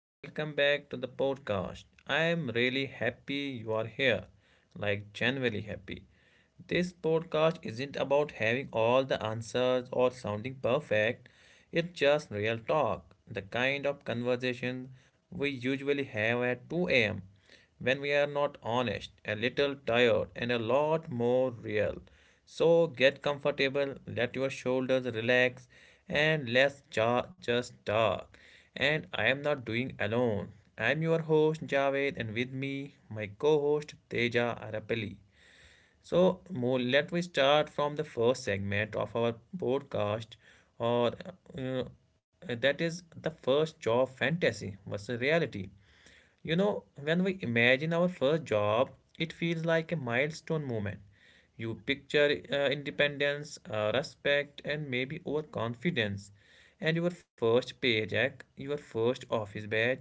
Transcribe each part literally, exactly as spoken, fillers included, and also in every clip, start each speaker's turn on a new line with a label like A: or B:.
A: Welcome back to the podcast. I am really happy you are here. Like genuinely happy. This podcast isn't about having all the answers or sounding perfect, it's just real talk, the kind of conversation we usually have at two a m when we are not honest, a little tired, and a lot more real. So get comfortable, let your shoulders relax, and let's ja- just talk. And I am not doing alone. I am your host Javed, and with me, my co host Teja Arapali. So, more, let we start from the first segment of our podcast, or uh, that is the first job fantasy versus reality. You know, when we imagine our first job, it feels like a milestone moment. You picture uh, independence, uh, respect, and maybe overconfidence. And your first paycheck, your first office badge,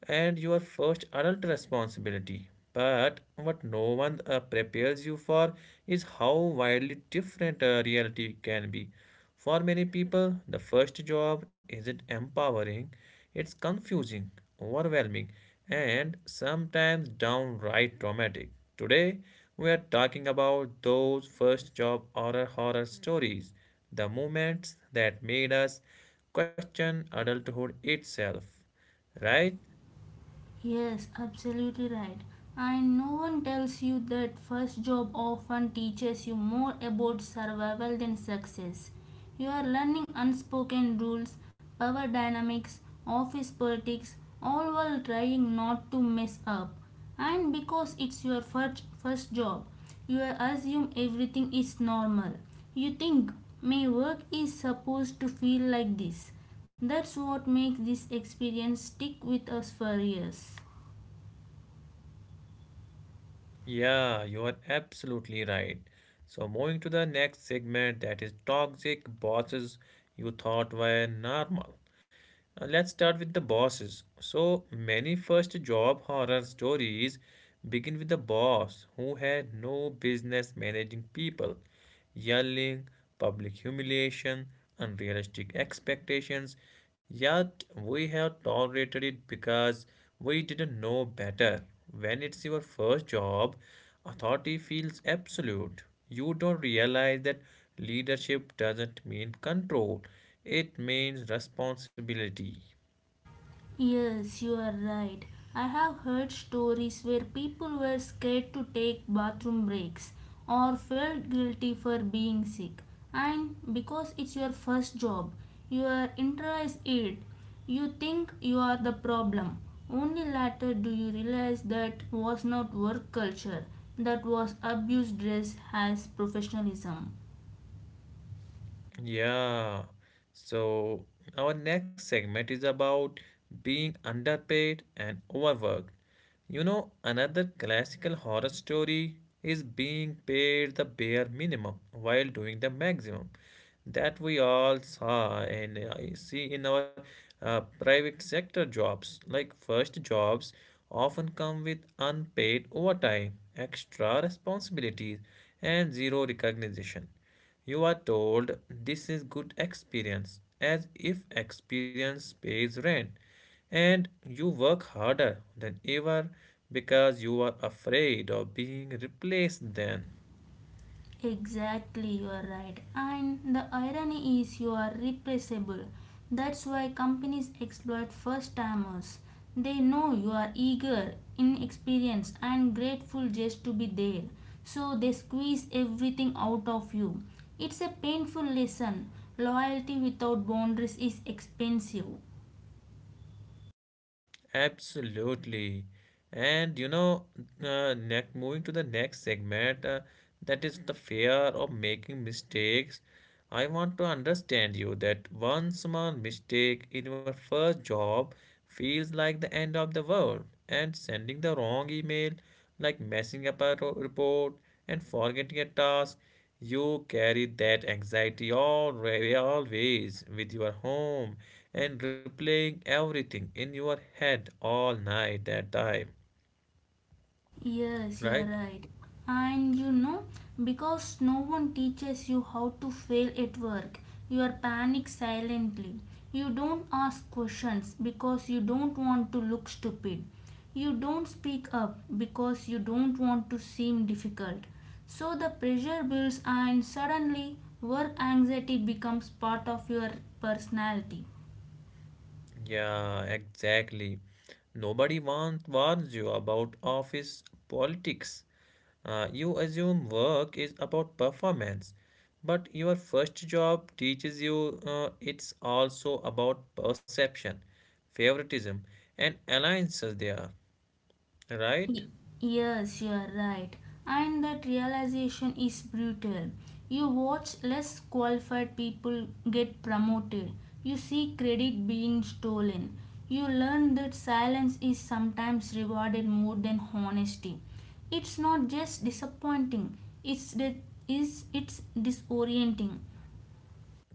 A: and your first adult responsibility. But what no one uh, prepares you for is how widely different uh, reality can be. For many people, the first job isn't empowering, it's confusing, overwhelming, and sometimes downright traumatic. Today, we are talking about those first job horror horror stories, the moments that made us question adulthood itself. Right?
B: Yes, absolutely right. And no one tells you that first job often teaches you more about survival than success. You are learning unspoken rules, power dynamics, office politics, all while trying not to mess up. And because it's your first, first job, you assume everything is normal. You think my work is supposed to feel like this. That's what makes this experience stick with us for years.
A: Yeah, you are absolutely right. So, moving to the next segment that is toxic bosses you thought were normal. Uh, let's start with the bosses. So many first job horror stories begin with the boss who had no business managing people. Yelling, public humiliation, unrealistic expectations, yet we have tolerated it because we didn't know better. When it's your first job, authority feels absolute. You don't realize that leadership doesn't mean control. It means responsibility.
B: Yes, you are right. I have heard stories where people were scared to take bathroom breaks or felt guilty for being sick. And because it's your first job, you are internalize it. You think you are the problem. Only later do you realize that was not work culture, that was abuse dressed as professionalism.
A: Yeah. So our next segment is about being underpaid and overworked. You know, another classical horror story is being paid the bare minimum while doing the maximum. That we all saw and I see in our uh, private sector jobs. Like first jobs often come with unpaid overtime, extra responsibilities, and zero recognition. You are told this is good experience as if experience pays rent and you work harder than ever because you are afraid of being replaced then.
B: Exactly, you are right. And the irony is, you are replaceable. That's why companies exploit first timers. They know you are eager, inexperienced, and grateful just to be there. So they squeeze everything out of you. It's a painful lesson. Loyalty without boundaries is expensive.
A: Absolutely. And you know, uh, next moving to the next segment, uh, that is the fear of making mistakes. I want to understand you that one small mistake in your first job feels like the end of the world, and sending the wrong email, like messing up a ro- report and forgetting a task, you carry that anxiety already, always with your home and replaying everything in your head all night that time,
B: Yes, you are
A: right?
B: right. And you know, because no one teaches you how to fail at work, you are panic silently. You don't ask questions because you don't want to look stupid. You don't speak up because you don't want to seem difficult. So the pressure builds, and suddenly, work anxiety becomes part of your personality.
A: Yeah, exactly. Nobody want, warns you about office politics. Uh, you assume work is about performance, but your first job teaches you uh, it's also about perception, favoritism, and alliances there, right?
B: Y- Yes, you are right. And that realization is brutal. You watch less qualified people get promoted. You see credit being stolen. You learn that silence is sometimes rewarded more than honesty. It's not just disappointing, it's, de- is, it's disorienting.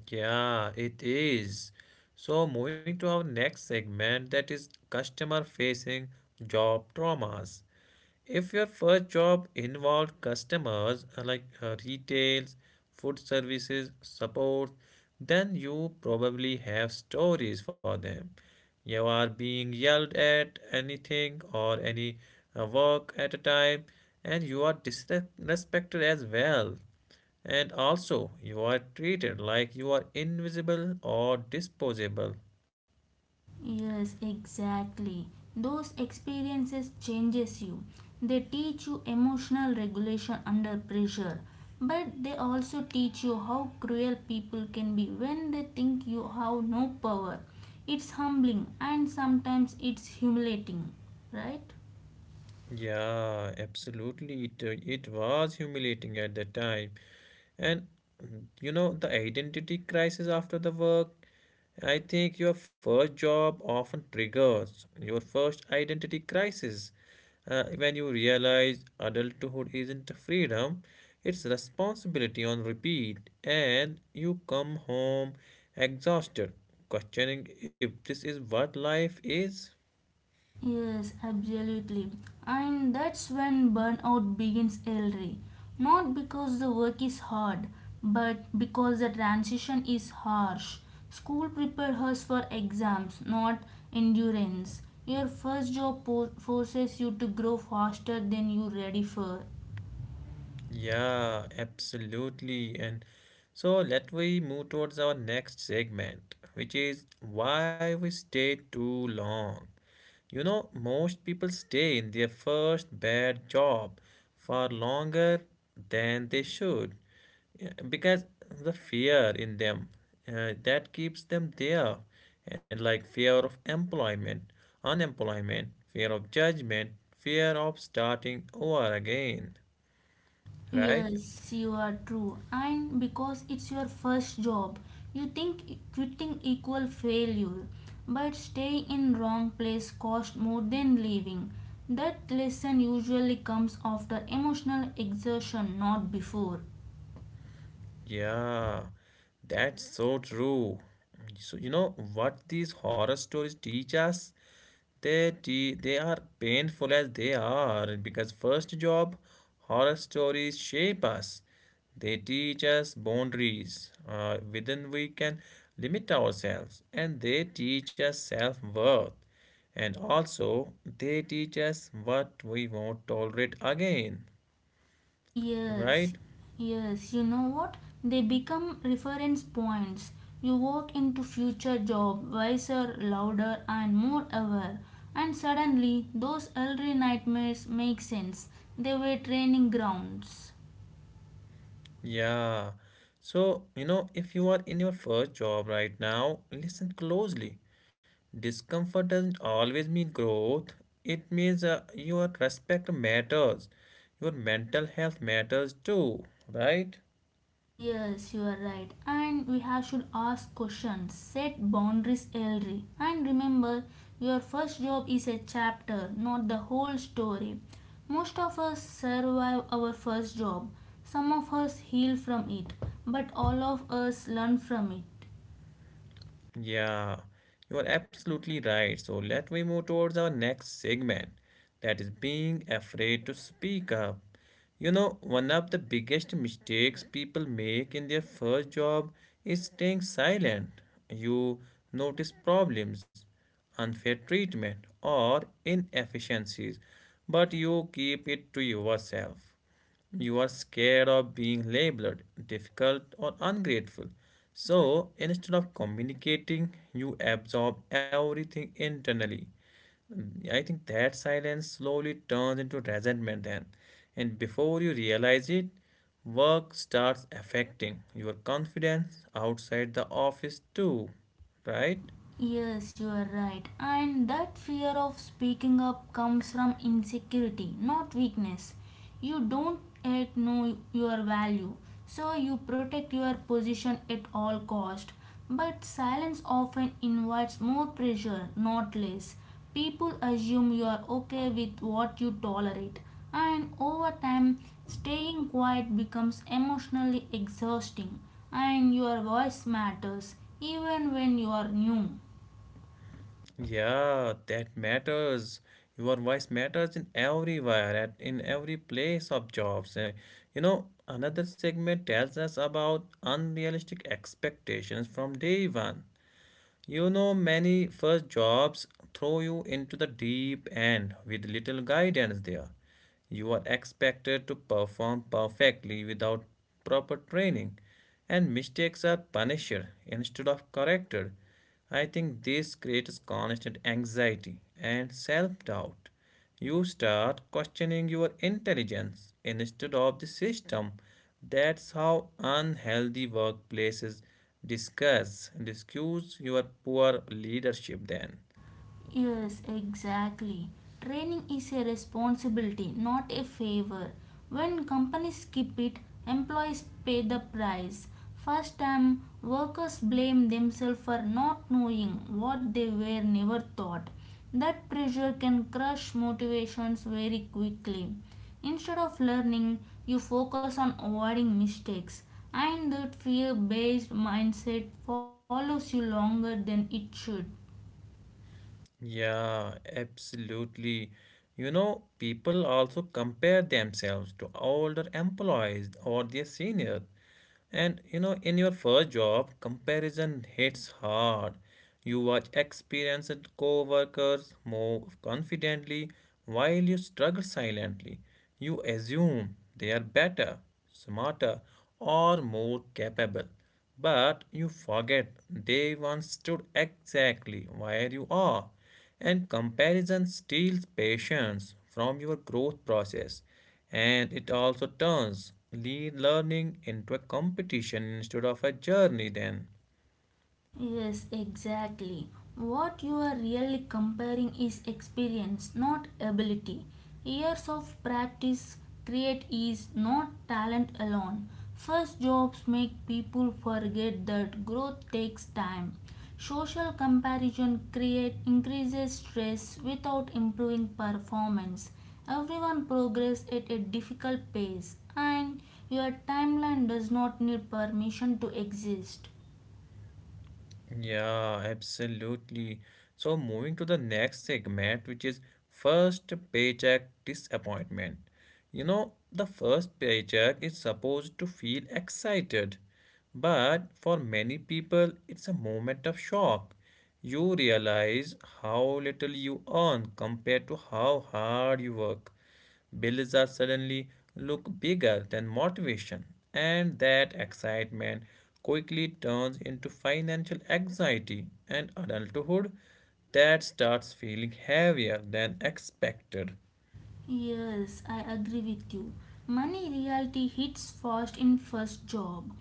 A: Yeah, it is. So, moving to our next segment that is customer facing job traumas. If your first job involved customers uh, like uh, retails, food services, support, then you probably have stories for them. You are being yelled at anything or any uh, work at a time, and you are disrespected as well. And also, you are treated like you are invisible or disposable.
B: Yes, exactly. Those experiences changes you. They teach you emotional regulation under pressure, but they also teach you how cruel people can be when they think you have no power. It's humbling and sometimes it's humiliating, right?
A: Yeah, absolutely. It, uh, it was humiliating at that time. And mm, you know, the identity crisis after the work, I think your first job often triggers your first identity crisis. Uh, when you realize adulthood isn't freedom, it's responsibility on repeat, and you come home exhausted, questioning if this is what life is.
B: Yes, absolutely. And that's when burnout begins early. Not because the work is hard, but because the transition is harsh. School prepares us for exams, not endurance. Your first job po- forces you to grow faster than you're ready for.
A: Yeah, absolutely. And so let we move towards our next segment, which is why we stay too long. You know, most people stay in their first bad job far longer than they should yeah, because the fear in them uh, that keeps them there and like fear of employment, unemployment, fear of judgment, fear of starting over again, right?
B: Yes, you are true. And because it's your first job, you think e- quitting equal failure. But stay in wrong place cost more than leaving. That lesson usually comes after emotional exertion, not before.
A: Yeah, that's so true. So you know what these horror stories teach us? They te- they are painful as they are because first job horror stories shape us. They teach us boundaries uh, within we can limit ourselves, and they teach us self worth. And also, they teach us what we won't tolerate again,
B: Yes,
A: right?
B: yes, you know what? They become reference points. You walk into future job wiser, louder and more aware. And suddenly those early nightmares make sense. They were training grounds.
A: Yeah. So, you know, if you are in your first job right now, listen closely. Discomfort doesn't always mean growth. It means uh, your respect matters. Your mental health matters too, right?
B: Yes, you are right. And we have should ask questions, set boundaries early. And remember, your first job is a chapter, not the whole story. Most of us survive our first job. Some of us heal from it, but all of us learn from it.
A: Yeah. You are absolutely right. So, let we move towards our next segment. That is being afraid to speak up. You know, one of the biggest mistakes people make in their first job is staying silent. You notice problems, unfair treatment, or inefficiencies, but you keep it to yourself. You are scared of being labeled difficult or ungrateful. So instead of communicating, you absorb everything internally. Mm, I think that silence slowly turns into resentment then. And before you realize it, work starts affecting your confidence outside the office too. Right?
B: Yes, you are right. And that fear of speaking up comes from insecurity, not weakness. You don't yet know your value, so you protect your position at all cost. But silence often invites more pressure, not less. People assume you are okay with what you tolerate, and over time, staying quiet becomes emotionally exhausting, and your voice matters even when you are new.
A: Yeah, that matters. Your voice matters in everywhere, at in every place of jobs. Eh, you know, another segment tells us about unrealistic expectations from day one. You know, many first jobs throw you into the deep end with little guidance there. You are expected to perform perfectly without proper training, and mistakes are punished instead of corrected. I think this creates constant anxiety and self doubt. You start questioning your intelligence instead of the system. That's how unhealthy workplaces Discuss, discuss your poor leadership then.
B: Yes, exactly. Training is a responsibility, not a favor. When companies skip it, employees pay the price. First time, workers blame themselves for not knowing what they were never taught. That pressure can crush motivations very quickly. Instead of learning, you focus on avoiding mistakes, and that fear based mindset follows you longer than it should.
A: Yeah, absolutely. You know, people also compare themselves to older employees or their seniors. And you know, in your first job, comparison hits hard. You watch experienced coworkers move confidently while you struggle silently. You assume they are better, smarter, or more capable. But you forget they once stood exactly where you are, and comparison steals patience from your growth process and it also turns lead learning into a competition instead of a journey then.
B: Yes, exactly. What you are really comparing is experience, not ability. Years of practice create ease, not talent alone. First jobs make people forget that growth takes time. Social comparison create increases stress without improving performance. Everyone progress at a difficult pace and your timeline does not need permission to exist.
A: Yeah, absolutely. So moving to the next segment, which is first paycheck disappointment. You know, the first paycheck is supposed to feel excited, but for many people, it's a moment of shock. You realize how little you earn compared to how hard you work. Bills are suddenly look bigger than motivation, and that excitement quickly turns into financial anxiety and adulthood that starts feeling heavier than expected.
B: Yes, I agree with you. Money reality hits fast in first job.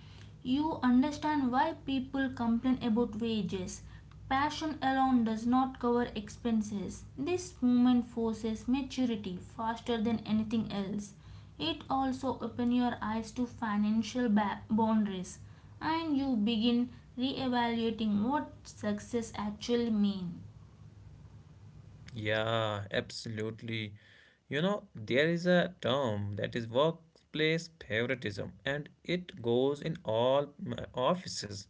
B: You understand why people complain about wages. Passion alone does not cover expenses. This moment forces maturity faster than anything else. It also opens your eyes to financial ba- boundaries and you begin reevaluating what success actually means.
A: Yeah, absolutely. You know, there is a term that is workplace favoritism, and it goes in all mm, offices,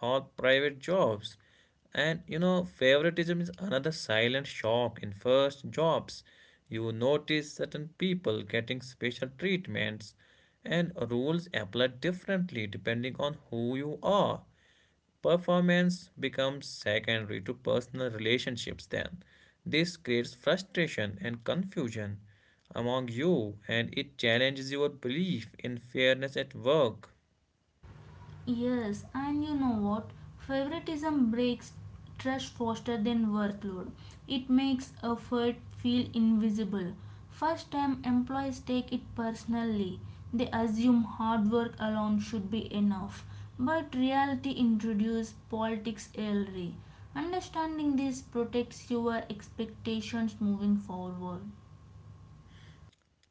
A: all private jobs. And you know, favoritism is another silent shock in first jobs. You notice certain people getting special treatments, and rules apply differently depending on who you are. Performance becomes secondary to personal relationships then. This creates frustration and confusion among you and it challenges your belief in fairness at work.
B: Yes, and you know what? Favoritism breaks trust faster than workload. It makes effort feel invisible. First time employees take it personally. They assume hard work alone should be enough. But reality introduces politics early. Understanding this protects your expectations moving forward.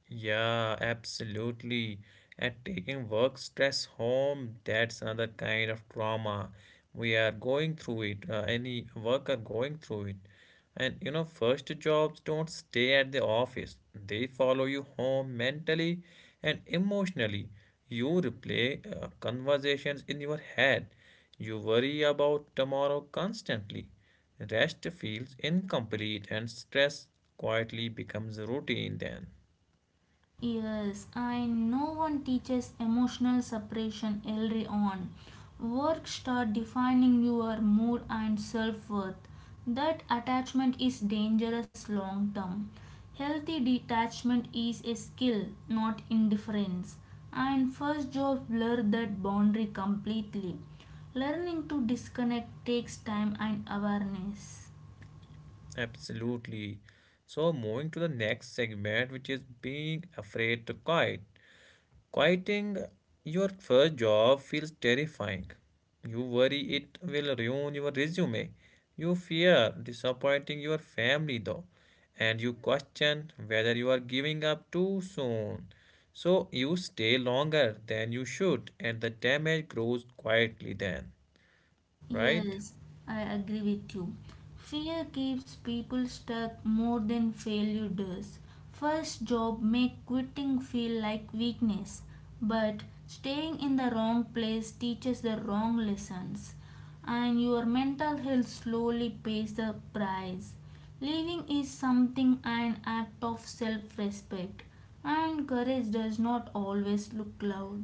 A: Yeah, absolutely. And taking work stress home, that's another kind of trauma. We are going through it, uh, any worker going through it. And you know, first jobs don't stay at the office, they follow you home mentally and emotionally. You replay uh, conversations in your head, you worry about tomorrow constantly. Rest feels incomplete, and stress quietly becomes routine then.
B: Yes, I no one teaches emotional separation early on. Work start defining your mood and self-worth. That attachment is dangerous long term. Healthy detachment is a skill, not indifference. And first job blur that boundary completely. Learning to disconnect takes time and awareness.
A: Absolutely. So moving to the next segment, which is being afraid to quit. Quitting your first job feels terrifying. You worry it will ruin your resume. You fear disappointing your family though, and you question whether you are giving up too soon. So you stay longer than you should, and the damage grows quietly then, right?
B: Yes, I agree with you. Fear keeps people stuck more than failure does. First job make quitting feel like weakness, but staying in the wrong place teaches the wrong lessons, and your mental health slowly pays the price. Leaving is something an act of self-respect, and courage does not always look loud.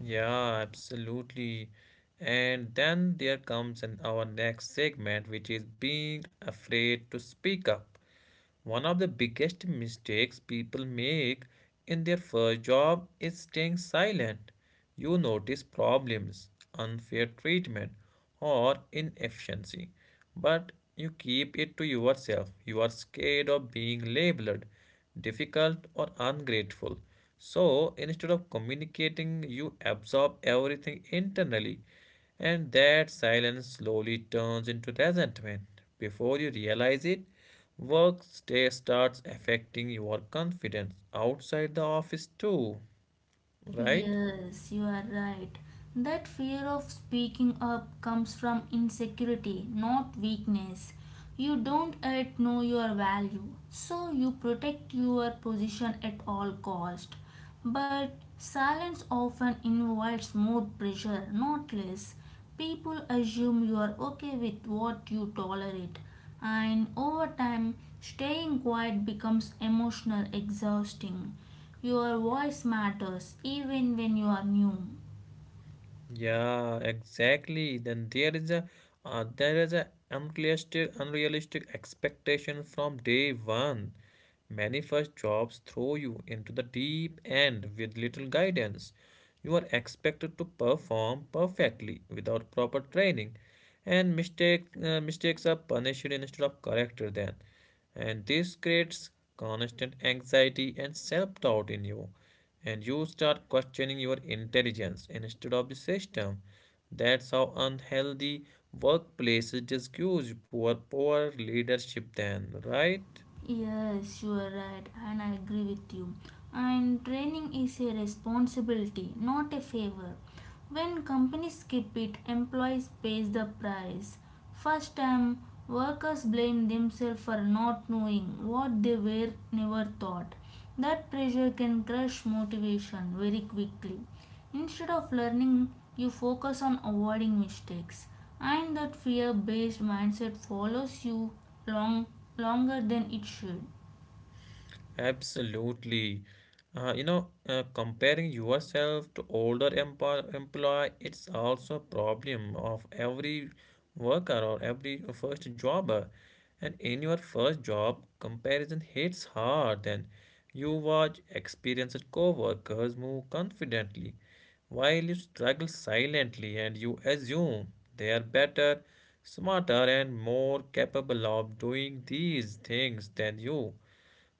A: Yeah, absolutely. And then there comes an, our next segment, which is being afraid to speak up. One of the biggest mistakes people make in their first job is staying silent. You notice problems, unfair treatment, or inefficiency, but you keep it to yourself. You are scared of being labeled difficult or ungrateful. So instead of communicating, you absorb everything internally, and that silence slowly turns into resentment. Before you realize it, work day starts affecting your confidence outside the office too, right?
B: Yes, you are right. That fear of speaking up comes from insecurity, not weakness. You don't yet know your value, so you protect your position at all cost. But silence often invites more pressure, not less. People assume you are okay with what you tolerate, and over time, staying quiet becomes emotional exhausting. Your voice matters even when you are new.
A: Yeah, exactly. Then there is a uh, there is a unrealistic unrealistic expectation from day one. Many first jobs throw you into the deep end with little guidance. You are expected to perform perfectly without proper training, and mistake uh, mistakes are punished instead of corrected then. And this creates constant anxiety and self-doubt in you and you start questioning your intelligence instead of the system. That's how unhealthy workplaces discuss poor, poor leadership, then, right?
B: Yes, you are right, and I agree with you. And training is a responsibility, not a favor. When companies skip it, employees pay the price. First time, workers blame themselves for not knowing what they were never taught. That pressure can crush motivation very quickly. Instead of learning, you focus on avoiding mistakes, and that fear based mindset follows you long, longer than it should.
A: Absolutely. Uh, you know, uh, comparing yourself to older empo- employee, it's also a problem of every worker or every first jobber. And in your first job, comparison hits hard. And you watch experienced coworkers move confidently, while you struggle silently, and you assume they are better, smarter, and more capable of doing these things than you.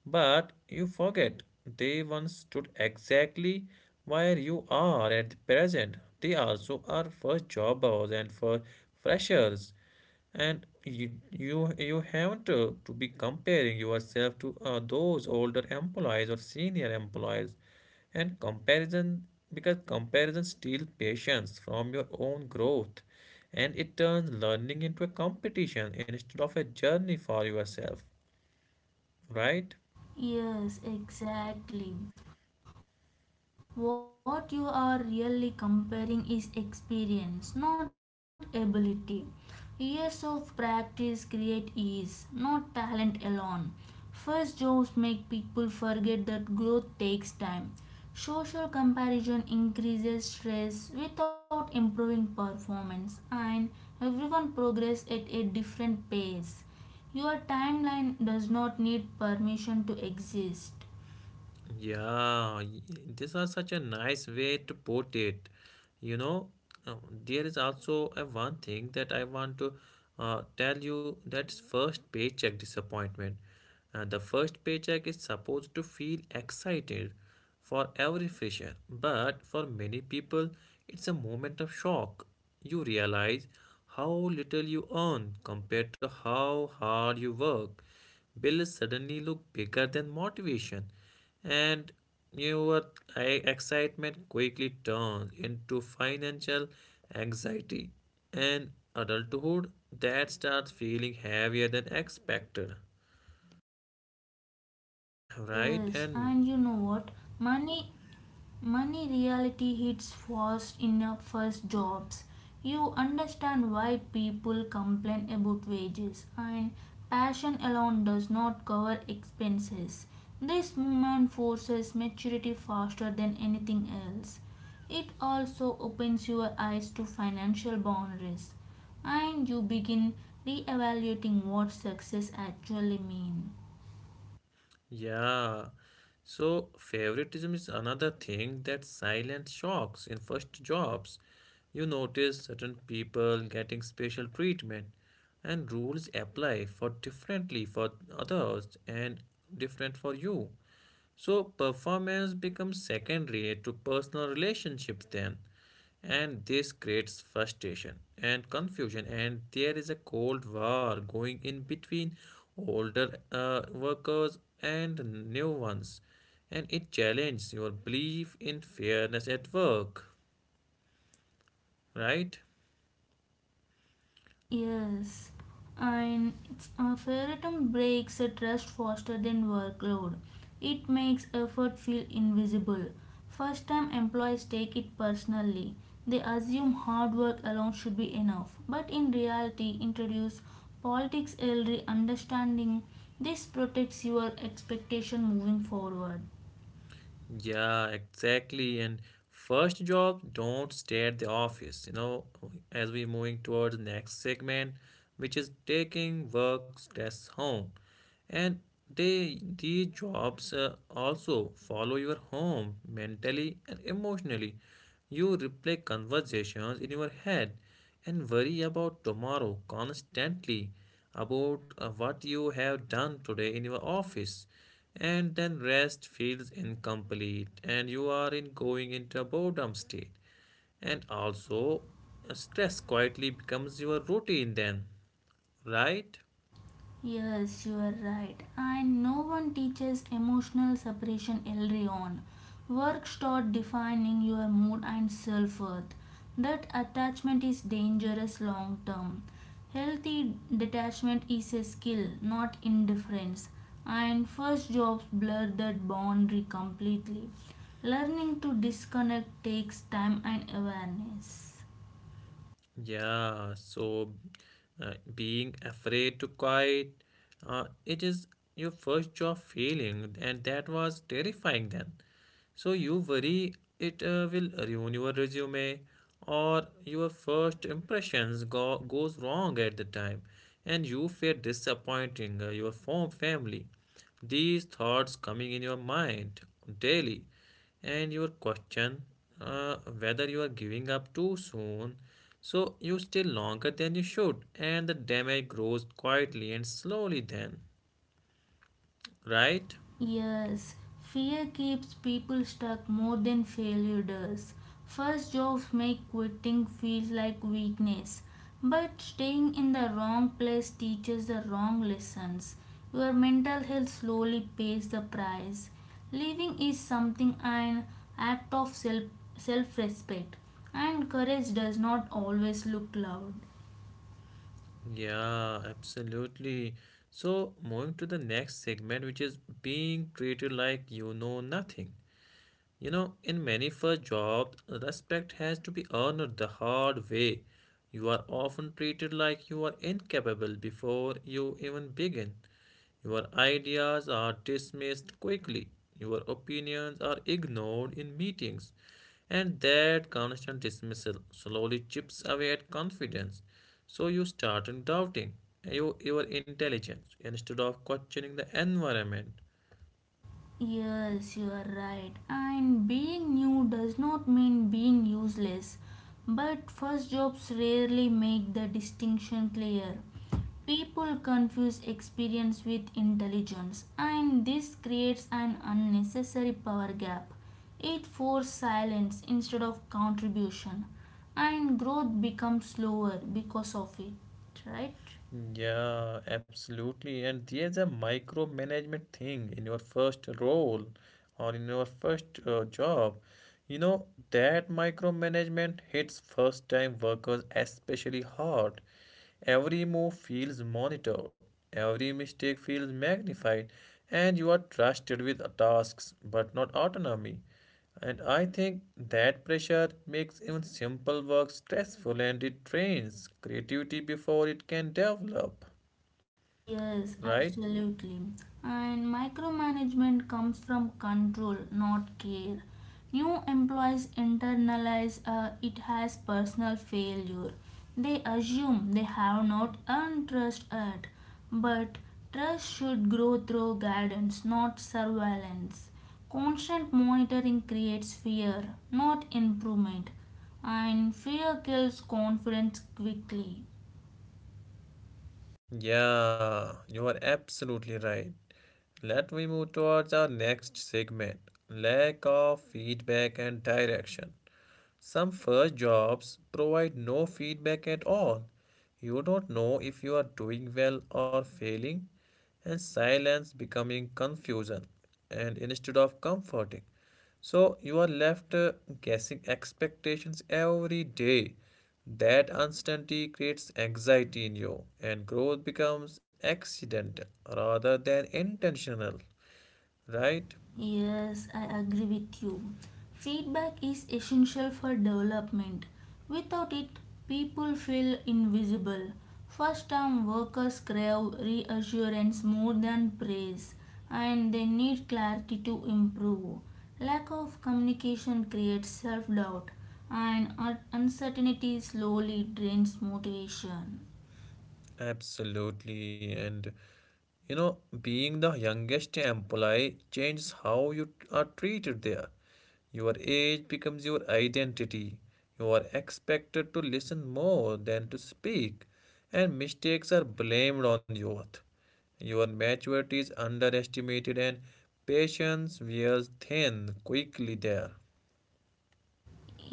A: But you forget they once stood exactly where you are at the present. They also are for jobbers and for freshers, and you you, you haven't to, to be comparing yourself to uh, those older employees or senior employees, and comparison because comparison steals patience from your own growth, and it turns learning into a competition instead of a journey for yourself, right?
B: Yes, exactly. What you are really comparing is experience, not ability. Years of practice create ease, not talent alone. First jobs make people forget that growth takes time. Social comparison increases stress without improving performance, and everyone progress at a different pace. Your timeline does not need permission to exist.
A: Yeah, y- these are such a nice way to put it. You know, uh, there is also a one thing that I want to uh, tell you that's first paycheck disappointment. Uh, the first paycheck is supposed to feel excited for every fresher, but for many people, it's a moment of shock. You realize how little you earn compared to how hard you work. Bill suddenly looked bigger than motivation, and your e- excitement quickly turned into financial anxiety and adulthood that starts feeling heavier than expected, right?
B: Yes,
A: And
B: and you know what? Money money reality hits fast in your first jobs. You understand why people complain about wages and passion alone does not cover expenses. This movement forces maturity faster than anything else. It also opens your eyes to financial boundaries and you begin reevaluating what success actually means.
A: yeah. So favoritism is another thing that silent shocks in first jobs. You notice certain people getting special treatment and rules apply for differently for others and different for you. So performance becomes secondary to personal relationships then, and this creates frustration and confusion, and there is a cold war going in between older uh, workers and new ones, and it challenges your belief in fairness at work, right?
B: Yes, and it's, uh, favoritism breaks a trust faster than workload. It makes effort feel invisible. First time employees take it personally. They assume hard work alone should be enough, but in reality, introduce politics early understanding. This protects your expectation moving forward.
A: Yeah, exactly. And first job, don't stay at the office. You know, as we're moving towards the next segment, which is taking work stress home. And they these jobs uh, also follow your home mentally and emotionally. You replay conversations in your head and worry about tomorrow constantly, about uh, what you have done today in your office, and then rest feels incomplete and you are in going into a boredom state, and also uh, stress quietly becomes your routine then, right?
B: Yes, you are right. And no one teaches emotional separation early on. Work start defining your mood and self worth. That attachment is dangerous long term. Healthy detachment is a skill, not indifference. And first jobs blur that boundary completely. Learning to disconnect takes time and awareness.
A: Yeah, so uh, being afraid to quiet uh, it is your first job feeling and that was terrifying then. So you worry it uh, will ruin your resume or your first impressions go, goes wrong at the time, and you fear disappointing uh, your form family. These thoughts coming in your mind daily, and your question uh, whether you are giving up too soon. So you stay longer than you should and the damage grows quietly and slowly then, right?
B: Yes, fear keeps people stuck more than failure does. First jobs make quitting feel like weakness, but staying in the wrong place teaches the wrong lessons. Your mental health slowly pays the price. Leaving is something an act of self self respect, and courage does not always look loud.
A: Yeah, absolutely. So, moving to the next segment, which is being treated like you know nothing. You know, in many first jobs, respect has to be earned the hard way. You are often treated like you are incapable before you even begin. Your ideas are dismissed quickly. Your opinions are ignored in meetings. And that constant dismissal slowly chips away at confidence. So you start doubting your, your intelligence instead of questioning the environment.
B: Yes, you are right. And being new does not mean being useless. But first jobs rarely make the distinction clear. People confuse experience with intelligence, and this creates an unnecessary power gap. It forces silence instead of contribution, and growth becomes slower because of it, right?
A: Yeah, absolutely. And there's a micromanagement thing in your first role or in your first uh, job. You know, that micromanagement hits first time workers especially hard. Every move feels monitored, every mistake feels magnified, and you are trusted with tasks but not autonomy. And I think that pressure makes even simple work stressful and it trains creativity before it can develop,
B: Yes,
A: right?
B: absolutely. And micromanagement comes from control, not care. New employees internalize uh, it as personal failure. They assume they have not earned trust yet. But trust should grow through guidance, not surveillance. Constant monitoring creates fear, not improvement. And fear kills confidence quickly.
A: Yeah, you are absolutely right. Let me move towards our next segment, lack of feedback and direction. Some first jobs provide no feedback at all. You don't know if you are doing well or failing, and silence becoming confusion and instead of comforting. So you are left uh, guessing expectations every day. That uncertainty creates anxiety in you, and growth becomes accidental rather than intentional, right?
B: Yes, I agree with you. Feedback is essential for development. Without it, people feel invisible. First time workers crave reassurance more than praise, and they need clarity to improve. Lack of communication creates self doubt, and un- uncertainty slowly drains motivation.
A: Absolutely. And you know, being the youngest employee changes how you are treated there. Your age becomes your identity. You are expected to listen more than to speak, and mistakes are blamed on youth. Your maturity is underestimated and patience wears thin quickly there.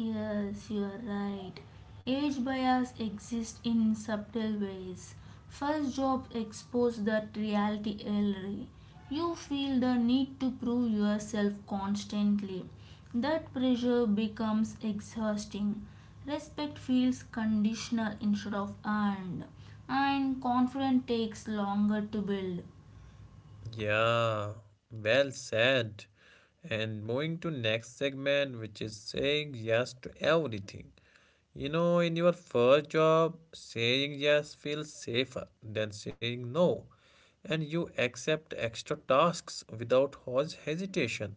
B: Yes, you are right. Age bias exists in subtle ways. First jobs expose that reality early. You feel the need to prove yourself constantly. That pressure becomes exhausting. Respect feels conditional instead of earned, and confidence takes longer to build.
A: Yeah, well said. And moving to next segment, which is saying yes to everything. You know, in your first job, saying yes feels safer than saying no, and you accept extra tasks without hos- hesitation.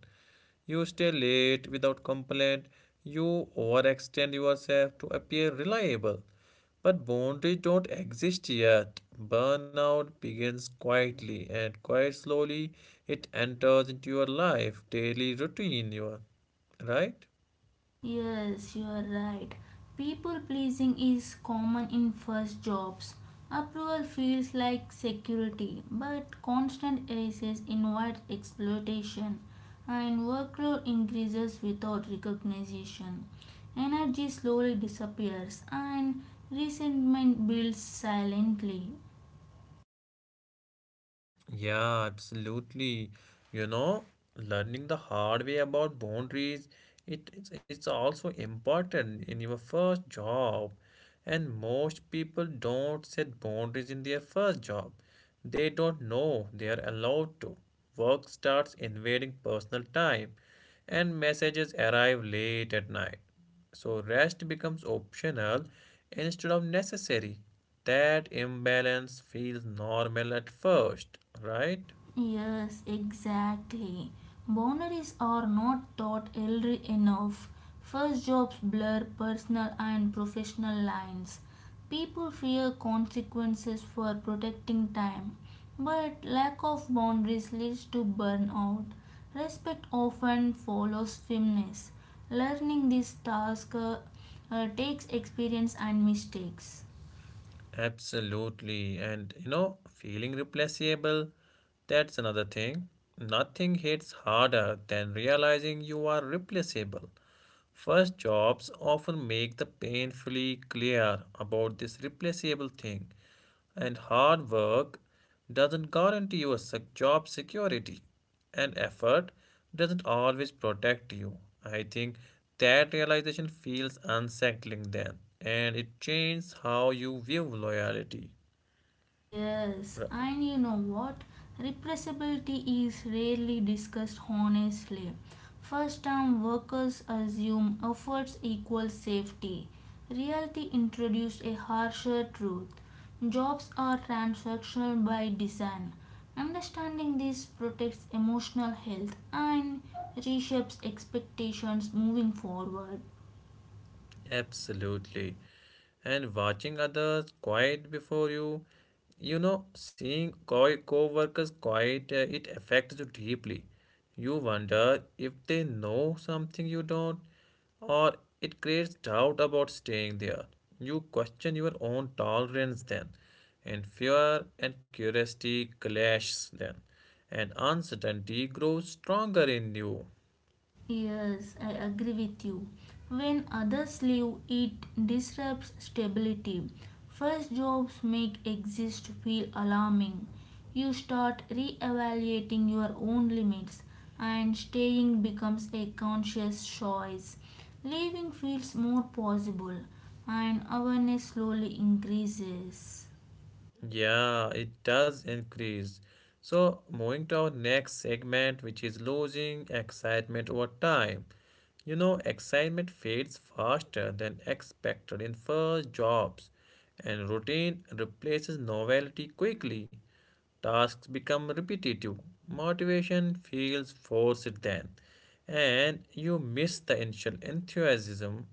A: You stay late without complaint. You overextend yourself to appear reliable. But boundaries don't exist yet. Burnout begins quietly, and quite slowly it enters into your life, daily routine, you are right?
B: Yes, you are right. People pleasing is common in first jobs. Approval feels like security, but constant raises invite exploitation, and workload increases without recognition. Energy slowly disappears, and resentment builds silently.
A: Yeah, absolutely. You know, learning the hard way about boundaries, it, it's, it's also important in your first job. And most people don't set boundaries in their first job. They don't know they are allowed to. Work starts invading personal time, and messages arrive late at night. So rest becomes optional instead of necessary. That imbalance feels normal at first, right?
B: Yes, exactly. Boundaries are not thought early enough. First jobs blur personal and professional lines. People fear consequences for protecting time, but lack of boundaries leads to burnout. Respect often follows firmness. Learning this task uh, uh, takes experience and mistakes.
A: Absolutely. And you know, feeling replaceable, that's another thing. Nothing hits harder than realizing you are replaceable. First jobs often make the painfully clear about this replaceable thing, and hard work doesn't guarantee you a sec- job security, and effort doesn't always protect you. I think that realization feels unsettling then, and it changes how you view loyalty.
B: Yes,
A: Right.
B: and you know what? Repressibility is rarely discussed honestly. First time workers assume efforts equal safety. Reality introduced a harsher truth. Jobs are transactional by design. Understanding this protects emotional health and reshapes expectations moving forward.
A: Absolutely. And watching others quiet before you, you know, seeing co co workers quiet, uh, it affects you deeply. You wonder if they know something you don't, or it creates doubt about staying there. You question your own tolerance then, and fear and curiosity clash then, and uncertainty grows stronger in you.
B: Yes, I agree with you. When others leave, it disrupts stability. First jobs make exist feel alarming. You start reevaluating your own limits, and staying becomes a conscious choice. Leaving feels more possible, and awareness slowly increases.
A: Yeah, it does increase. So, moving to our next segment, which is losing excitement over time. You know, excitement fades faster than expected in first jobs, and routine replaces novelty quickly. Tasks become repetitive, motivation feels forced then, and you miss the initial enthusiasm.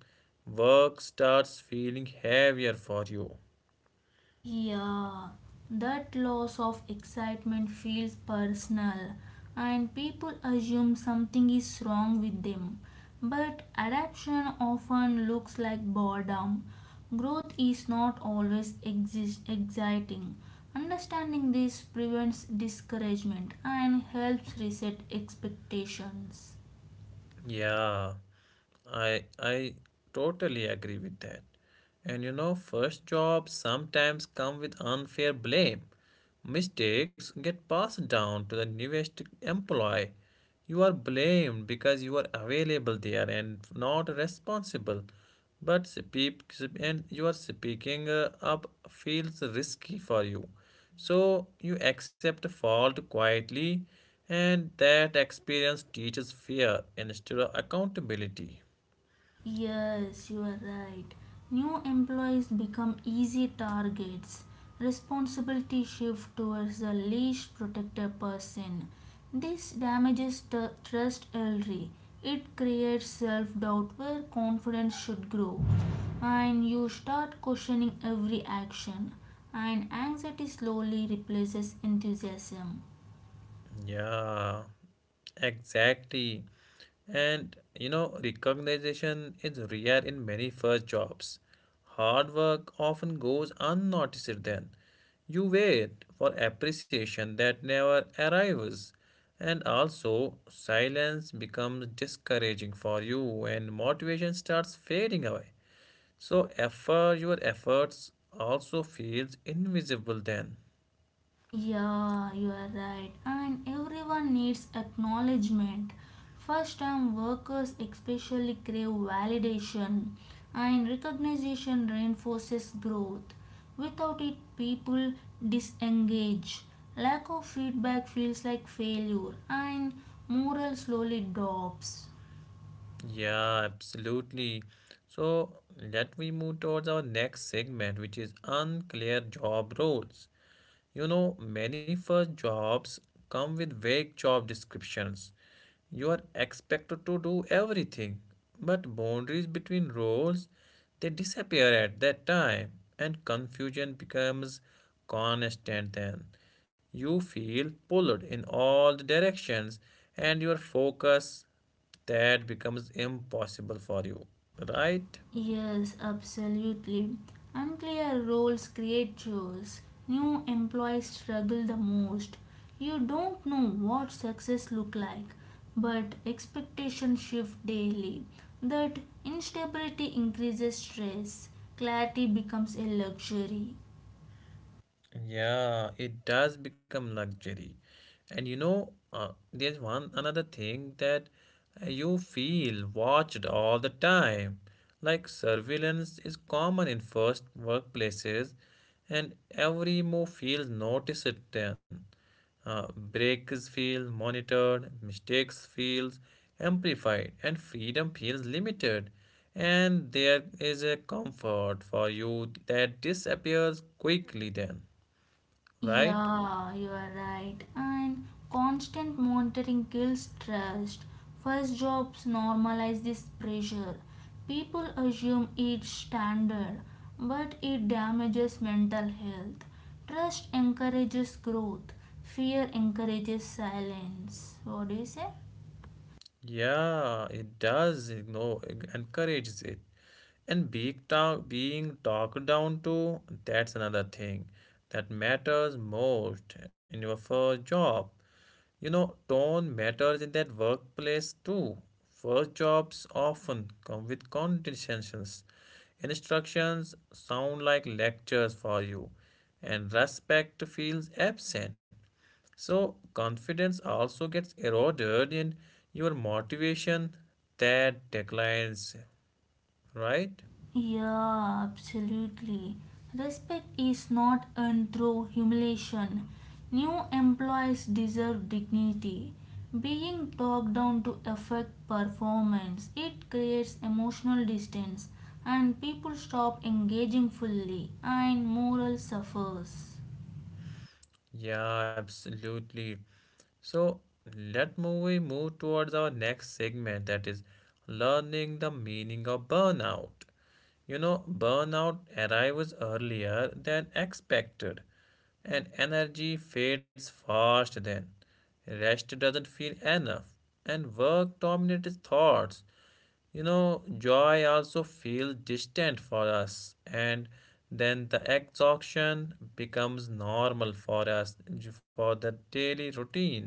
A: Work starts feeling heavier for you.
B: Yeah, that loss of excitement feels personal, and people assume something is wrong with them. But adaptation often looks like boredom. Growth is not always exist- exciting. Understanding this prevents discouragement and helps reset expectations.
A: Yeah, I I totally agree with that. And you know, first jobs sometimes come with unfair blame. Mistakes get passed down to the newest employee. You are blamed because you are available there and not responsible. But speak and you are speaking uh, up feels risky for you. So you accept fault quietly and that experience teaches fear instead of accountability.
B: Yes, you are right. New employees become easy targets. Responsibility shifts towards the least protected person. This damages t- trust early. It creates self doubt where confidence should grow. And you start questioning every action. And anxiety slowly replaces enthusiasm.
A: Yeah, exactly. And you know, recognition is rare in many first jobs. Hard work often goes unnoticed then. You wait for appreciation that never arrives. And also, silence becomes discouraging for you and motivation starts fading away. So effort, your efforts also feels invisible then.
B: Yeah, you are right. And everyone needs acknowledgement. First time workers especially crave validation, and recognition reinforces growth. Without it, people disengage. Lack of feedback feels like failure, and morale slowly drops.
A: Yeah, absolutely. So let we move towards our next segment, which is unclear job roles. You know, many first jobs come with vague job descriptions. You are expected to do everything, but boundaries between roles they disappear at that time, and confusion becomes constant then. You feel pulled in all the directions, and your focus that becomes impossible for you, right?
B: Yes, absolutely. Unclear roles create chores. New employees struggle the most. You don't know what success look like, but expectations shift daily. That instability increases stress. Clarity becomes a luxury.
A: Yeah, it does become luxury. And you know, uh, there's one another thing that uh, you feel watched all the time. Like surveillance is common in first workplaces, and every move feels noticed then. Uh, breaks feel monitored, mistakes feels amplified, and freedom feels limited. And there is a comfort for you that disappears quickly then, right?
B: Yeah, you are right. And constant monitoring kills trust. First jobs normalize this pressure. People assume it's standard, but it damages mental health. Trust encourages growth, fear encourages silence. What do you say?
A: Yeah, it does ignore, encourages it. And being, talk, being talked down to, that's another thing that matters most in your first job. You know, tone matters in that workplace too. First jobs often come with conditions. Instructions sound like lectures for you, and respect feels absent. So, confidence also gets eroded and your motivation that declines, right?
B: Yeah, absolutely. Respect is not earned through humiliation. New employees deserve dignity. Being talked down to affect performance, it creates emotional distance and people stop engaging fully and morale suffers.
A: Yeah, absolutely. So, let we move towards our next segment that is learning the meaning of burnout. You know, burnout arrives earlier than expected, and energy fades fast then. Rest doesn't feel enough, and work dominates thoughts. You know, joy also feels distant for us, and then the exhaustion becomes normal for us for the daily routine.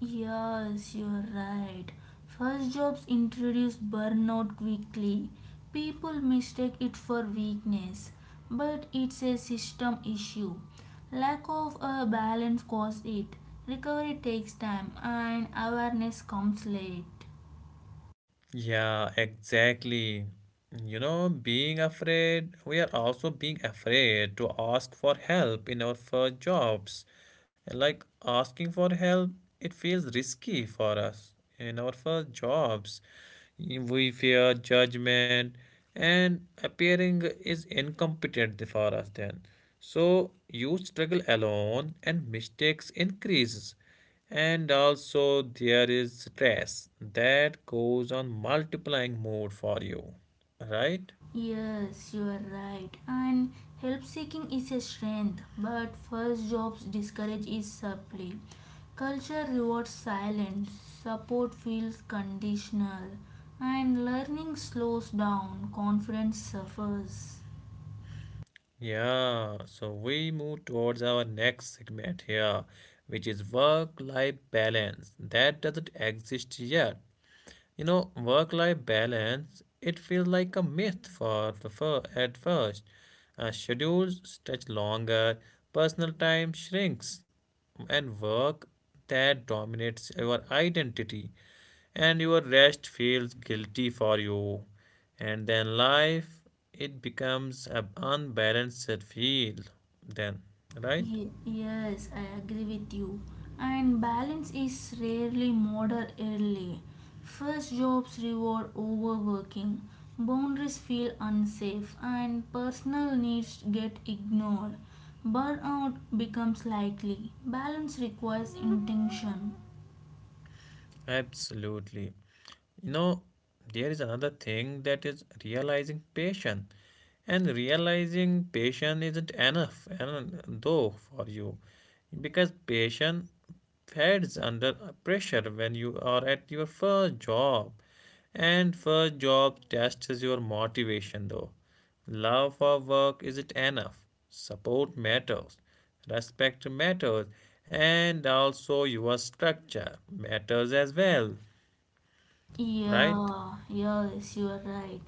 B: Yes, you're right. First jobs introduce burnout quickly. People mistake it for weakness, but it's a system issue. Lack of a balance causes it. Recovery takes time and awareness comes late.
A: Yeah, exactly. You know, being afraid, we are also being afraid to ask for help in our first jobs. And like asking for help, it feels risky for us in our first jobs. Y- We fear judgment and appearing is incompetent for us then. So you struggle alone and mistakes increases. And also, there is stress that goes on multiplying mode for you, right?
B: Yes, you are right. And help seeking is a strength, but first jobs discourage is supply. Culture rewards silence, support feels conditional, and learning slows down, confidence suffers.
A: Yeah, so we move towards our next segment here, which is work life balance that doesn't exist yet. You know, work life balance, it feels like a myth for the fir- at first. Uh, schedules stretch longer, personal time shrinks, and work that dominates our identity, and your rest feels guilty for you, and then life it becomes an unbalanced field then, right?
B: Ye- Yes, I agree with you. And balance is rarely modeled early. First jobs reward overworking, boundaries feel unsafe, and personal needs get ignored. Burnout becomes likely. Balance requires intention.
A: Absolutely. You know, there is another thing that is realizing patience. And realizing patience isn't enough, and though for you, because patience fades under pressure when you are at your first job, and first job tests your motivation. Though, love for work isn't enough. Support matters, respect matters, and also your structure matters as well, right?
B: Yeah, yes, you are right.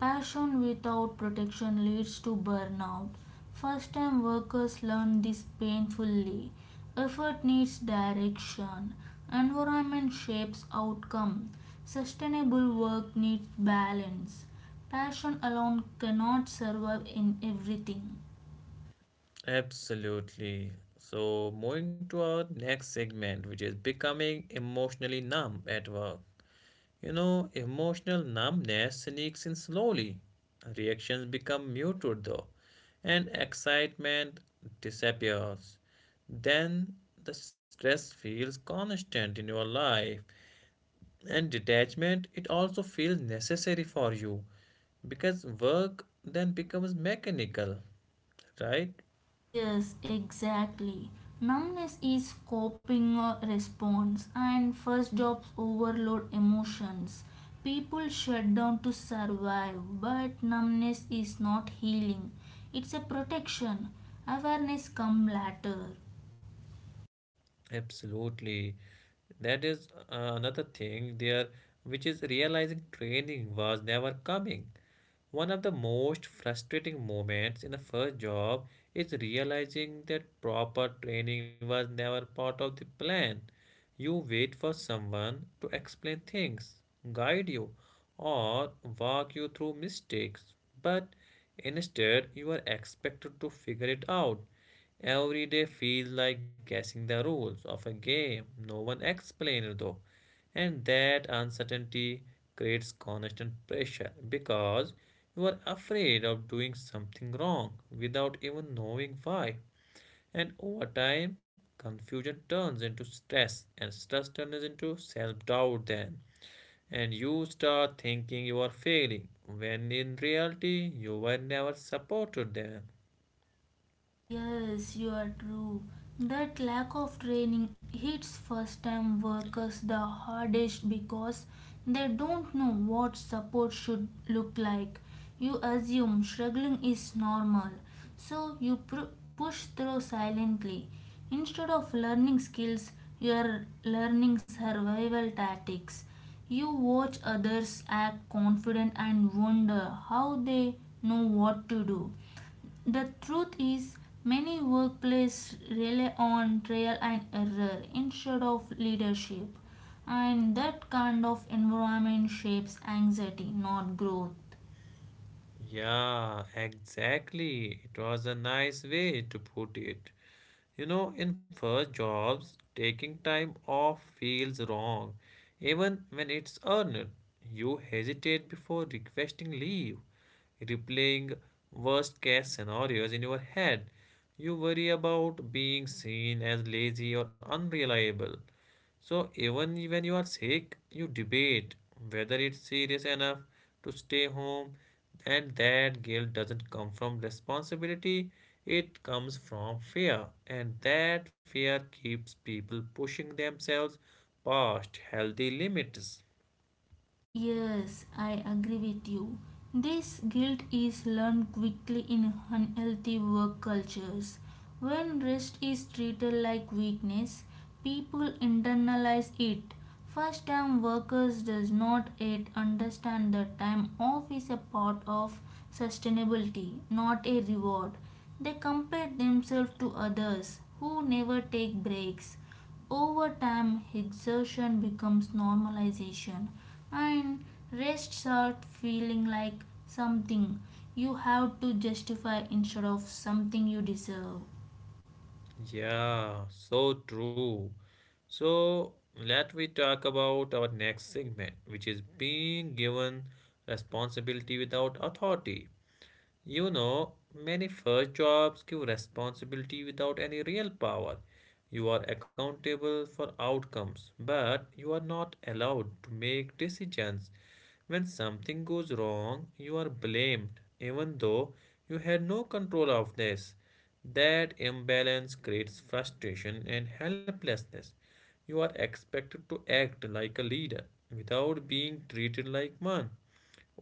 B: Passion without protection leads to burnout. First time workers learn this painfully. Effort needs direction. Environment shapes outcome. Sustainable work needs balance. Passion alone cannot survive in everything.
A: Absolutely. So, moving to our next segment, which is becoming emotionally numb at work. You know, emotional numbness sneaks in slowly. Reactions become muted though, and excitement disappears. Then the stress feels constant in your life, and detachment it also feels necessary for you because work then becomes mechanical, right?
B: Yes, exactly. Numbness is coping uh, response, and first jobs overload emotions. People shut down to survive, but numbness is not healing, it's a protection. Awareness come later.
A: Absolutely. That is uh, another thing there, which is realizing training was never coming. One of the most frustrating moments in the first job is realizing that proper training was never part of the plan. You wait for someone to explain things, guide you, or walk you through mistakes. But instead, you are expected to figure it out. Every day feels like guessing the rules of a game no one explained, though. And that uncertainty creates constant pressure because you are afraid of doing something wrong without even knowing why. And over time, confusion turns into stress, and stress turns into self doubt, then. And you start thinking you are failing, when in reality, you were never supported then.
B: Yes, you are true. That lack of training hits first time workers the hardest because they don't know what support should look like. You assume struggling is normal, so you pr- push through silently. Instead of learning skills, you are learning survival tactics. You watch others act confident and wonder how they know what to do. The truth is, many workplaces rely on trial and error instead of leadership, and that kind of environment shapes anxiety, not growth.
A: Yeah, exactly. It was a nice way to put it. You know, in first jobs, taking time off feels wrong, even when it's earned. You hesitate before requesting leave, replaying worst case scenarios in your head. You worry about being seen as lazy or unreliable. So even when you are sick, you debate whether it's serious enough to stay home, and that guilt doesn't come from responsibility, it comes from fear, and that fear keeps people pushing themselves past healthy limits.
B: Yes, I agree with you. This guilt is learned quickly in unhealthy work cultures. When rest is treated like weakness, people internalize it. First time workers does not yet understand that time off is a part of sustainability, not a reward. They compare themselves to others who never take breaks over time, exertion becomes normalization, and rest starts feeling like something you have to justify instead of something you deserve.
A: Yeah, so true. So let we talk about our next segment, which is being given responsibility without authority. You know, many first jobs give responsibility without any real power. You are accountable for outcomes, but you are not allowed to make decisions. When something goes wrong, you are blamed, even though you had no control of this. That imbalance creates frustration and helplessness. You are expected to act like a leader without being treated like one.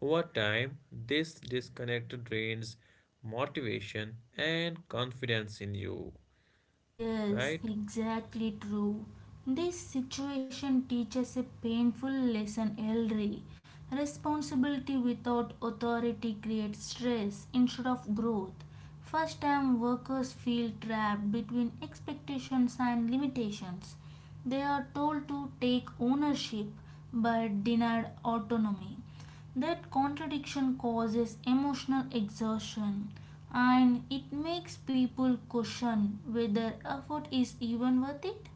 A: Over time, this disconnect drains motivation and confidence in you,
B: Yes,
A: right?
B: exactly true. This situation teaches a painful lesson, Elri. Responsibility without authority creates stress instead of growth. First time workers feel trapped between expectations and limitations. They are told to take ownership but denied autonomy. That contradiction causes emotional exhaustion and it makes people question whether effort is even worth it.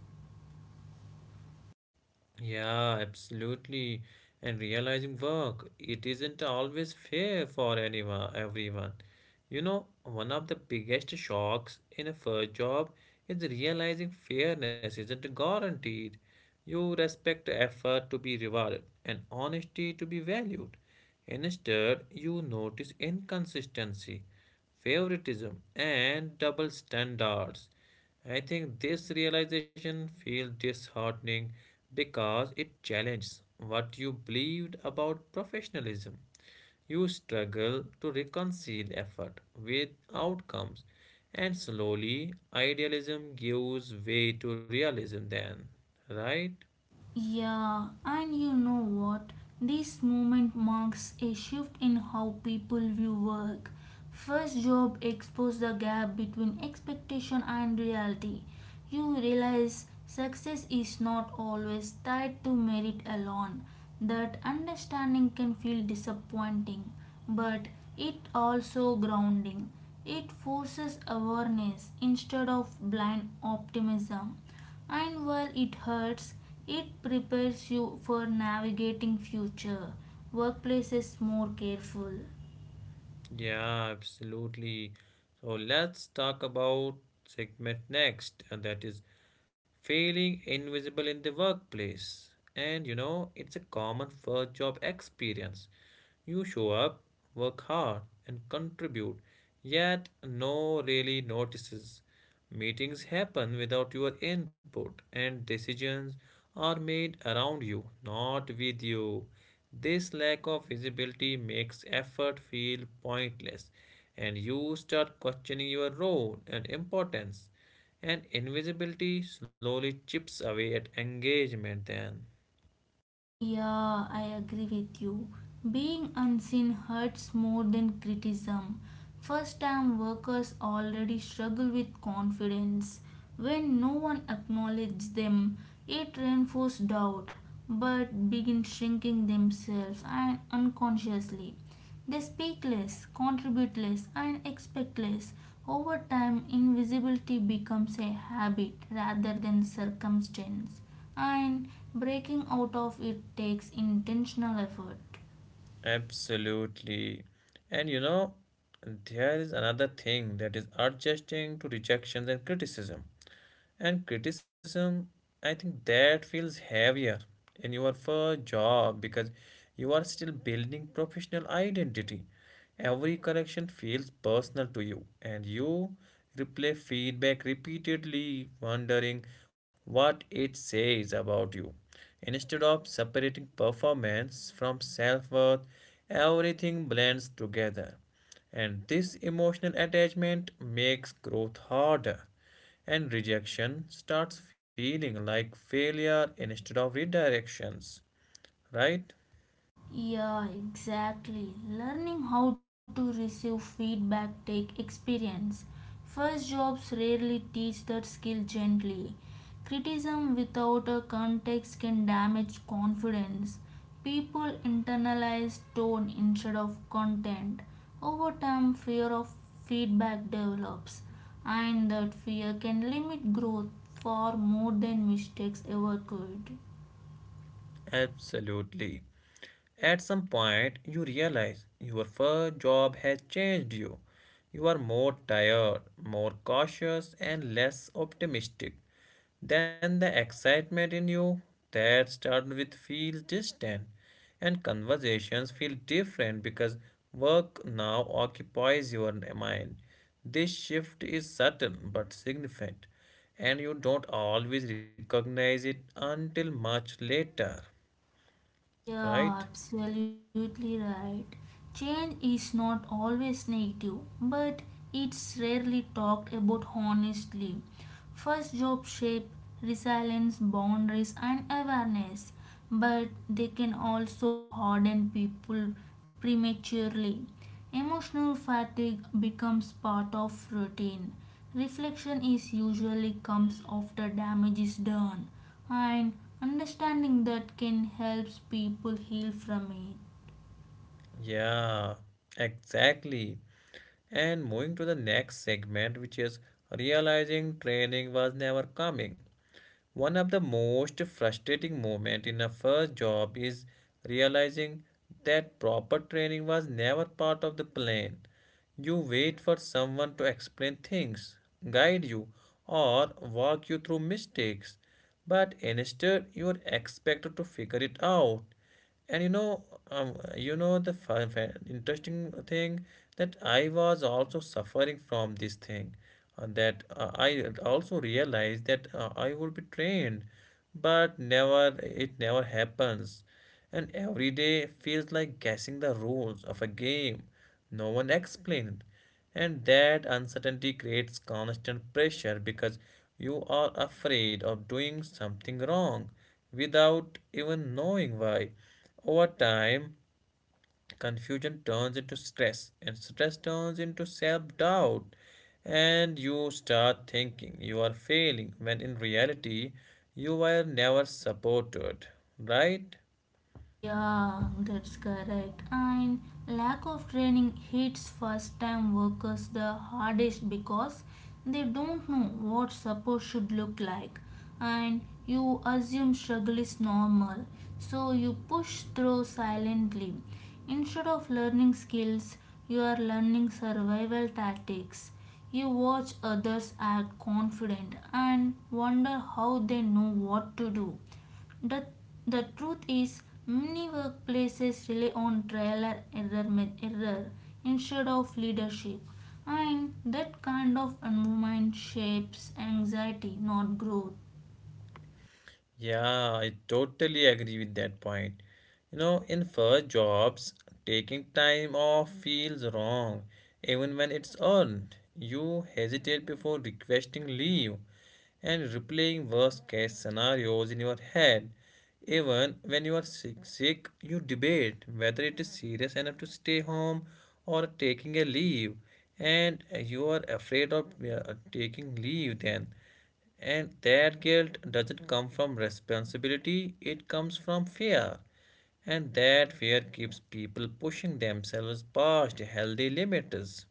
A: Yeah, absolutely. And realizing work, it isn't always fair for anyone, everyone. You know, one of the biggest shocks in a first job is realizing fairness isn't guaranteed. You respect effort to be rewarded and honesty to be valued. Instead, you notice inconsistency favoritism, and double standards. I think this realization feels disheartening because it challenges what you believed about professionalism. You struggle to reconcile effort with outcomes, and slowly idealism gives way to realism, then, right?
B: Yeah, and you know what? This movement marks a shift in how people view work. First job exposed the gap between expectation and reality. You realize success is not always tied to merit alone. That understanding can feel disappointing, but it also grounding. It forces awareness instead of blind optimism. And while it hurts, it prepares you for navigating future workplaces more careful.
A: Yeah, absolutely. So let's talk about segment next, and that is feeling invisible in the workplace. And you know, it's a common first job experience. You show up, work hard, and contribute, yet no really notices. Meetings happen without your input, and decisions are made around you, not with you. This lack of visibility makes effort feel pointless, and you start questioning your role and importance. And invisibility slowly chips away at engagement, then.
B: Yeah, I agree with you. Being unseen hurts more than criticism. First time workers already struggle with confidence. When no one acknowledges them, it reinforces doubt but begin shrinking themselves and unconsciously. They speak less, contribute less, and expect less. Over time, invisibility becomes a habit rather than circumstance, and breaking out of it takes intentional effort.
A: Absolutely. And you know, there is another thing that is adjusting to rejections and criticism. And criticism I think that feels heavier in your first job because you are still building professional identity. Every correction feels personal to you, and you replay feedback repeatedly, wondering what it says about you. Instead of separating performance from self-worth, everything blends together, and this emotional attachment makes growth harder, and rejection starts feeling like failure instead of redirections, right?
B: Yeah, exactly. Learning how to receive feedback take experience. First jobs rarely teach that skill gently. Criticism without a context can damage confidence. People internalize tone instead of content. Over time, fear of feedback develops, and that fear can limit growth far more than mistakes ever could.
A: Absolutely. At some point, you realize your first job has changed you. You are more tired, more cautious, and less optimistic. Then the excitement in you that started with feels distant, and conversations feel different because work now occupies your mind. This shift is subtle but significant, and you don't always recognize it until much later.
B: Yeah,
A: Right?
B: absolutely right. Change is not always negative, but it's rarely talked about honestly. First job shape resilience, boundaries, and awareness, but they can also harden people prematurely. Emotional fatigue becomes part of routine. Reflection is usually comes after damage is done and understanding that can help people heal from it.
A: Yeah, exactly. And moving to the next segment, which is realizing training was never coming. One of the most frustrating moments in a first job is realizing that proper training was never part of the plan. You wait for someone to explain things, guide you, or walk you through mistakes, but instead you are expected to figure it out. And you know, um, you know, the fi- fi- interesting thing that I was also suffering from this thing, uh, that uh, I also realized that uh, I would be trained, but never it never happens. And every day feels like guessing the rules of a game no one explained, and that uncertainty creates constant pressure because you are afraid of doing something wrong without even knowing why. Over time, confusion turns into stress, and stress turns into self doubt. And you start thinking you are failing when in reality, you were never supported, right?
B: Yeah, that's correct. And lack of training hits first time workers the hardest because they don't know what support should look like and you assume struggle is normal. So you push through silently. Instead of learning skills, you are learning survival tactics. You watch others act confident and wonder how they know what to do. The, the truth is, many workplaces rely on trial and error, error instead of leadership, and that kind of environment shapes anxiety, not growth.
A: Yeah, I totally agree with that point. You know, in first jobs, taking time off feels wrong, even when it's earned. You hesitate before requesting leave and replaying worst case scenarios in your head. Even when you are sick, sick, you debate whether it is serious enough to stay home or taking a leave, and you are afraid of uh, taking leave then. And that guilt doesn't come from responsibility, it comes from fear. And that fear keeps people pushing themselves past healthy limits,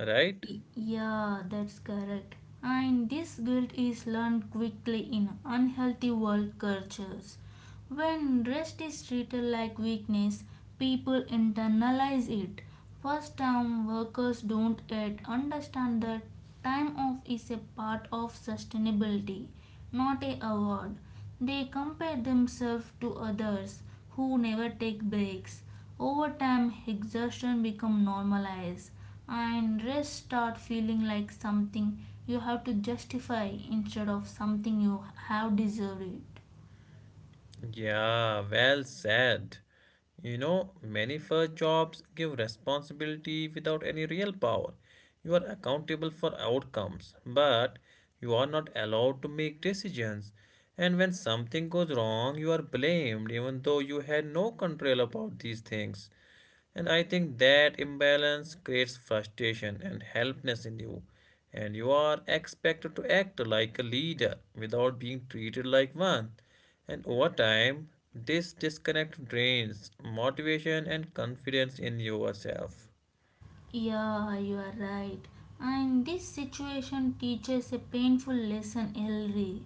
A: right?
B: Y- Yeah, that's correct. And this guilt is learned quickly in unhealthy world cultures. When rest is treated like weakness, people internalize it. First time workers don't yet understand that time off is a part of sustainability, not a award. They compare themselves to others who never take breaks. Over time, exhaustion become normalized and rest start feeling like something you have to justify instead of something you have deserved.
A: Yeah, well said. You know, many first jobs give responsibility without any real power. You are accountable for outcomes, but you are not allowed to make decisions. And when something goes wrong, you are blamed even though you had no control about these things. And I think that imbalance creates frustration and helplessness in you. And you are expected to act like a leader without being treated like one. And over time, this disconnect drains motivation and confidence in yourself.
B: Yeah, you are right. And this situation teaches a painful lesson, Elri.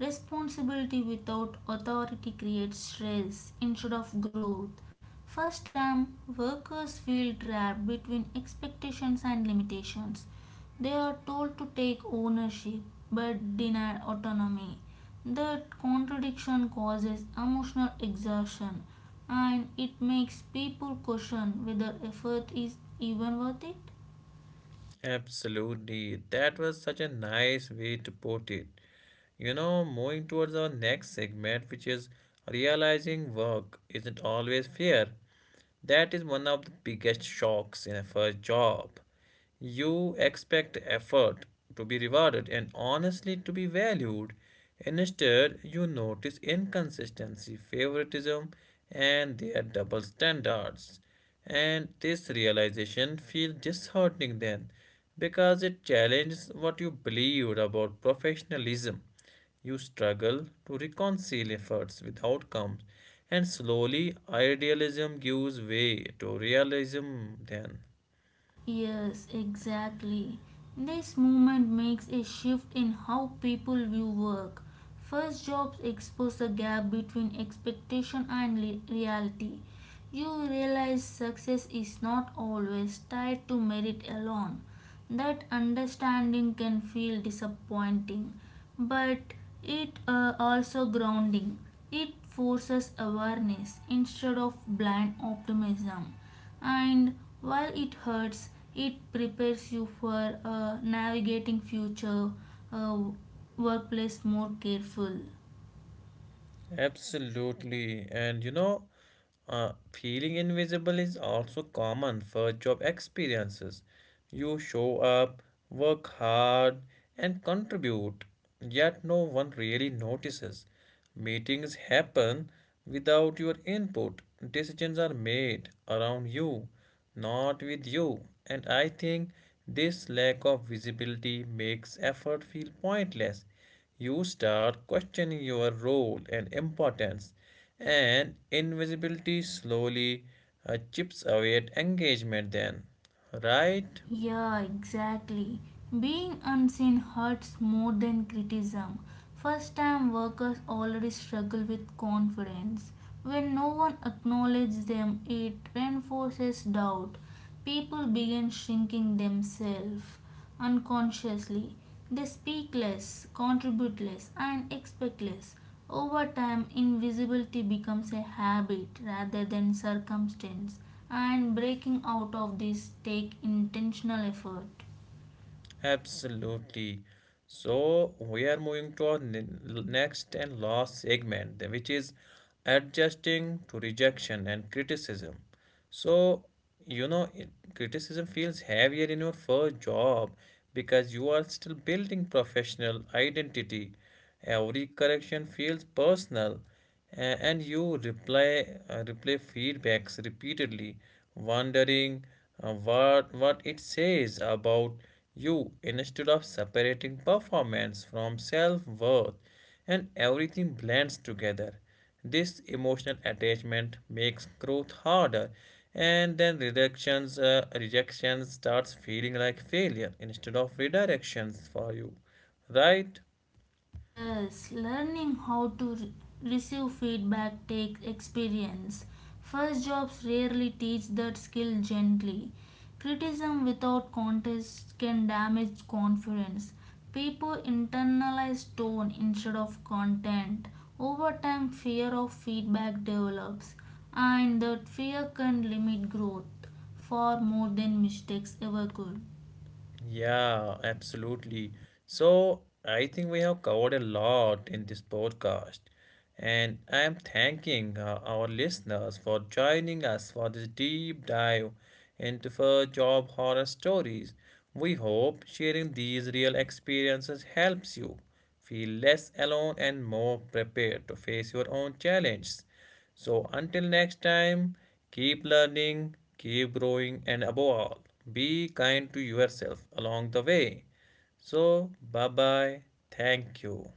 B: Responsibility without authority creates stress instead of growth. First time, workers feel trapped between expectations and limitations. They are told to take ownership but denied autonomy. That contradiction causes emotional exhaustion and it makes people question whether effort is even worth it.
A: Absolutely. That was such a nice way to put it. You know, moving towards our next segment, which is realizing work isn't always fair. That is one of the biggest shocks in a first job. You expect effort to be rewarded and honestly to be valued. Instead, you notice inconsistency, favoritism, and their double standards. And this realization feels disheartening then because it challenges what you believed about professionalism. You struggle to reconcile efforts with outcomes, and slowly idealism gives way to realism then.
B: Yes, exactly. This movement makes a shift in how people view work. First jobs expose a gap between expectation and le- reality. You realize success is not always tied to merit alone. That understanding can feel disappointing, but it uh, also grounding. It forces awareness instead of blind optimism and while it hurts it prepares you for uh, navigating future uh, workplace more careful.
A: Absolutely. And you know, uh, feeling invisible is also common for job experiences. You show up, work hard, and contribute, yet no one really notices. Meetings happen without your input, decisions are made around you, not with you. And I think this lack of visibility makes effort feel pointless. You start questioning your role and importance, and invisibility slowly uh, chips away at engagement, then, right?
B: Yeah, exactly. Being unseen hurts more than criticism. First time workers already struggle with confidence. When no one acknowledges them it reinforces doubt. People begin shrinking themselves unconsciously. They speak less, contribute less, and expect less. Over time, invisibility becomes a habit rather than circumstance, and breaking out of this take intentional effort.
A: Absolutely. So we are moving to our ne- next and last segment, the- which is adjusting to rejection and criticism. So, you know, it- criticism feels heavier in your first job because you are still building professional identity. Every correction feels personal, a- and you reply uh, replay feedbacks repeatedly, wondering uh, what what it says about you instead of separating performance from self-worth, and everything blends together. This emotional attachment makes growth harder, and then rejections, uh, rejection starts feeling like failure instead of redirections for you, right?
B: Yes, learning how to re- receive feedback takes experience. First jobs rarely teach that skill gently. Criticism without context can damage confidence. People internalize tone instead of content. Over time, fear of feedback develops, and that fear can limit growth far more than mistakes ever could.
A: Yeah, absolutely. So I think we have covered a lot in this podcast, and I am thanking uh, our listeners for joining us for this deep dive into fur job horror stories. We hope sharing these real experiences helps you feel less alone and more prepared to face your own challenges. So, until next time, keep learning, keep growing, and above all, be kind to yourself along the way. So, bye bye. Thank you.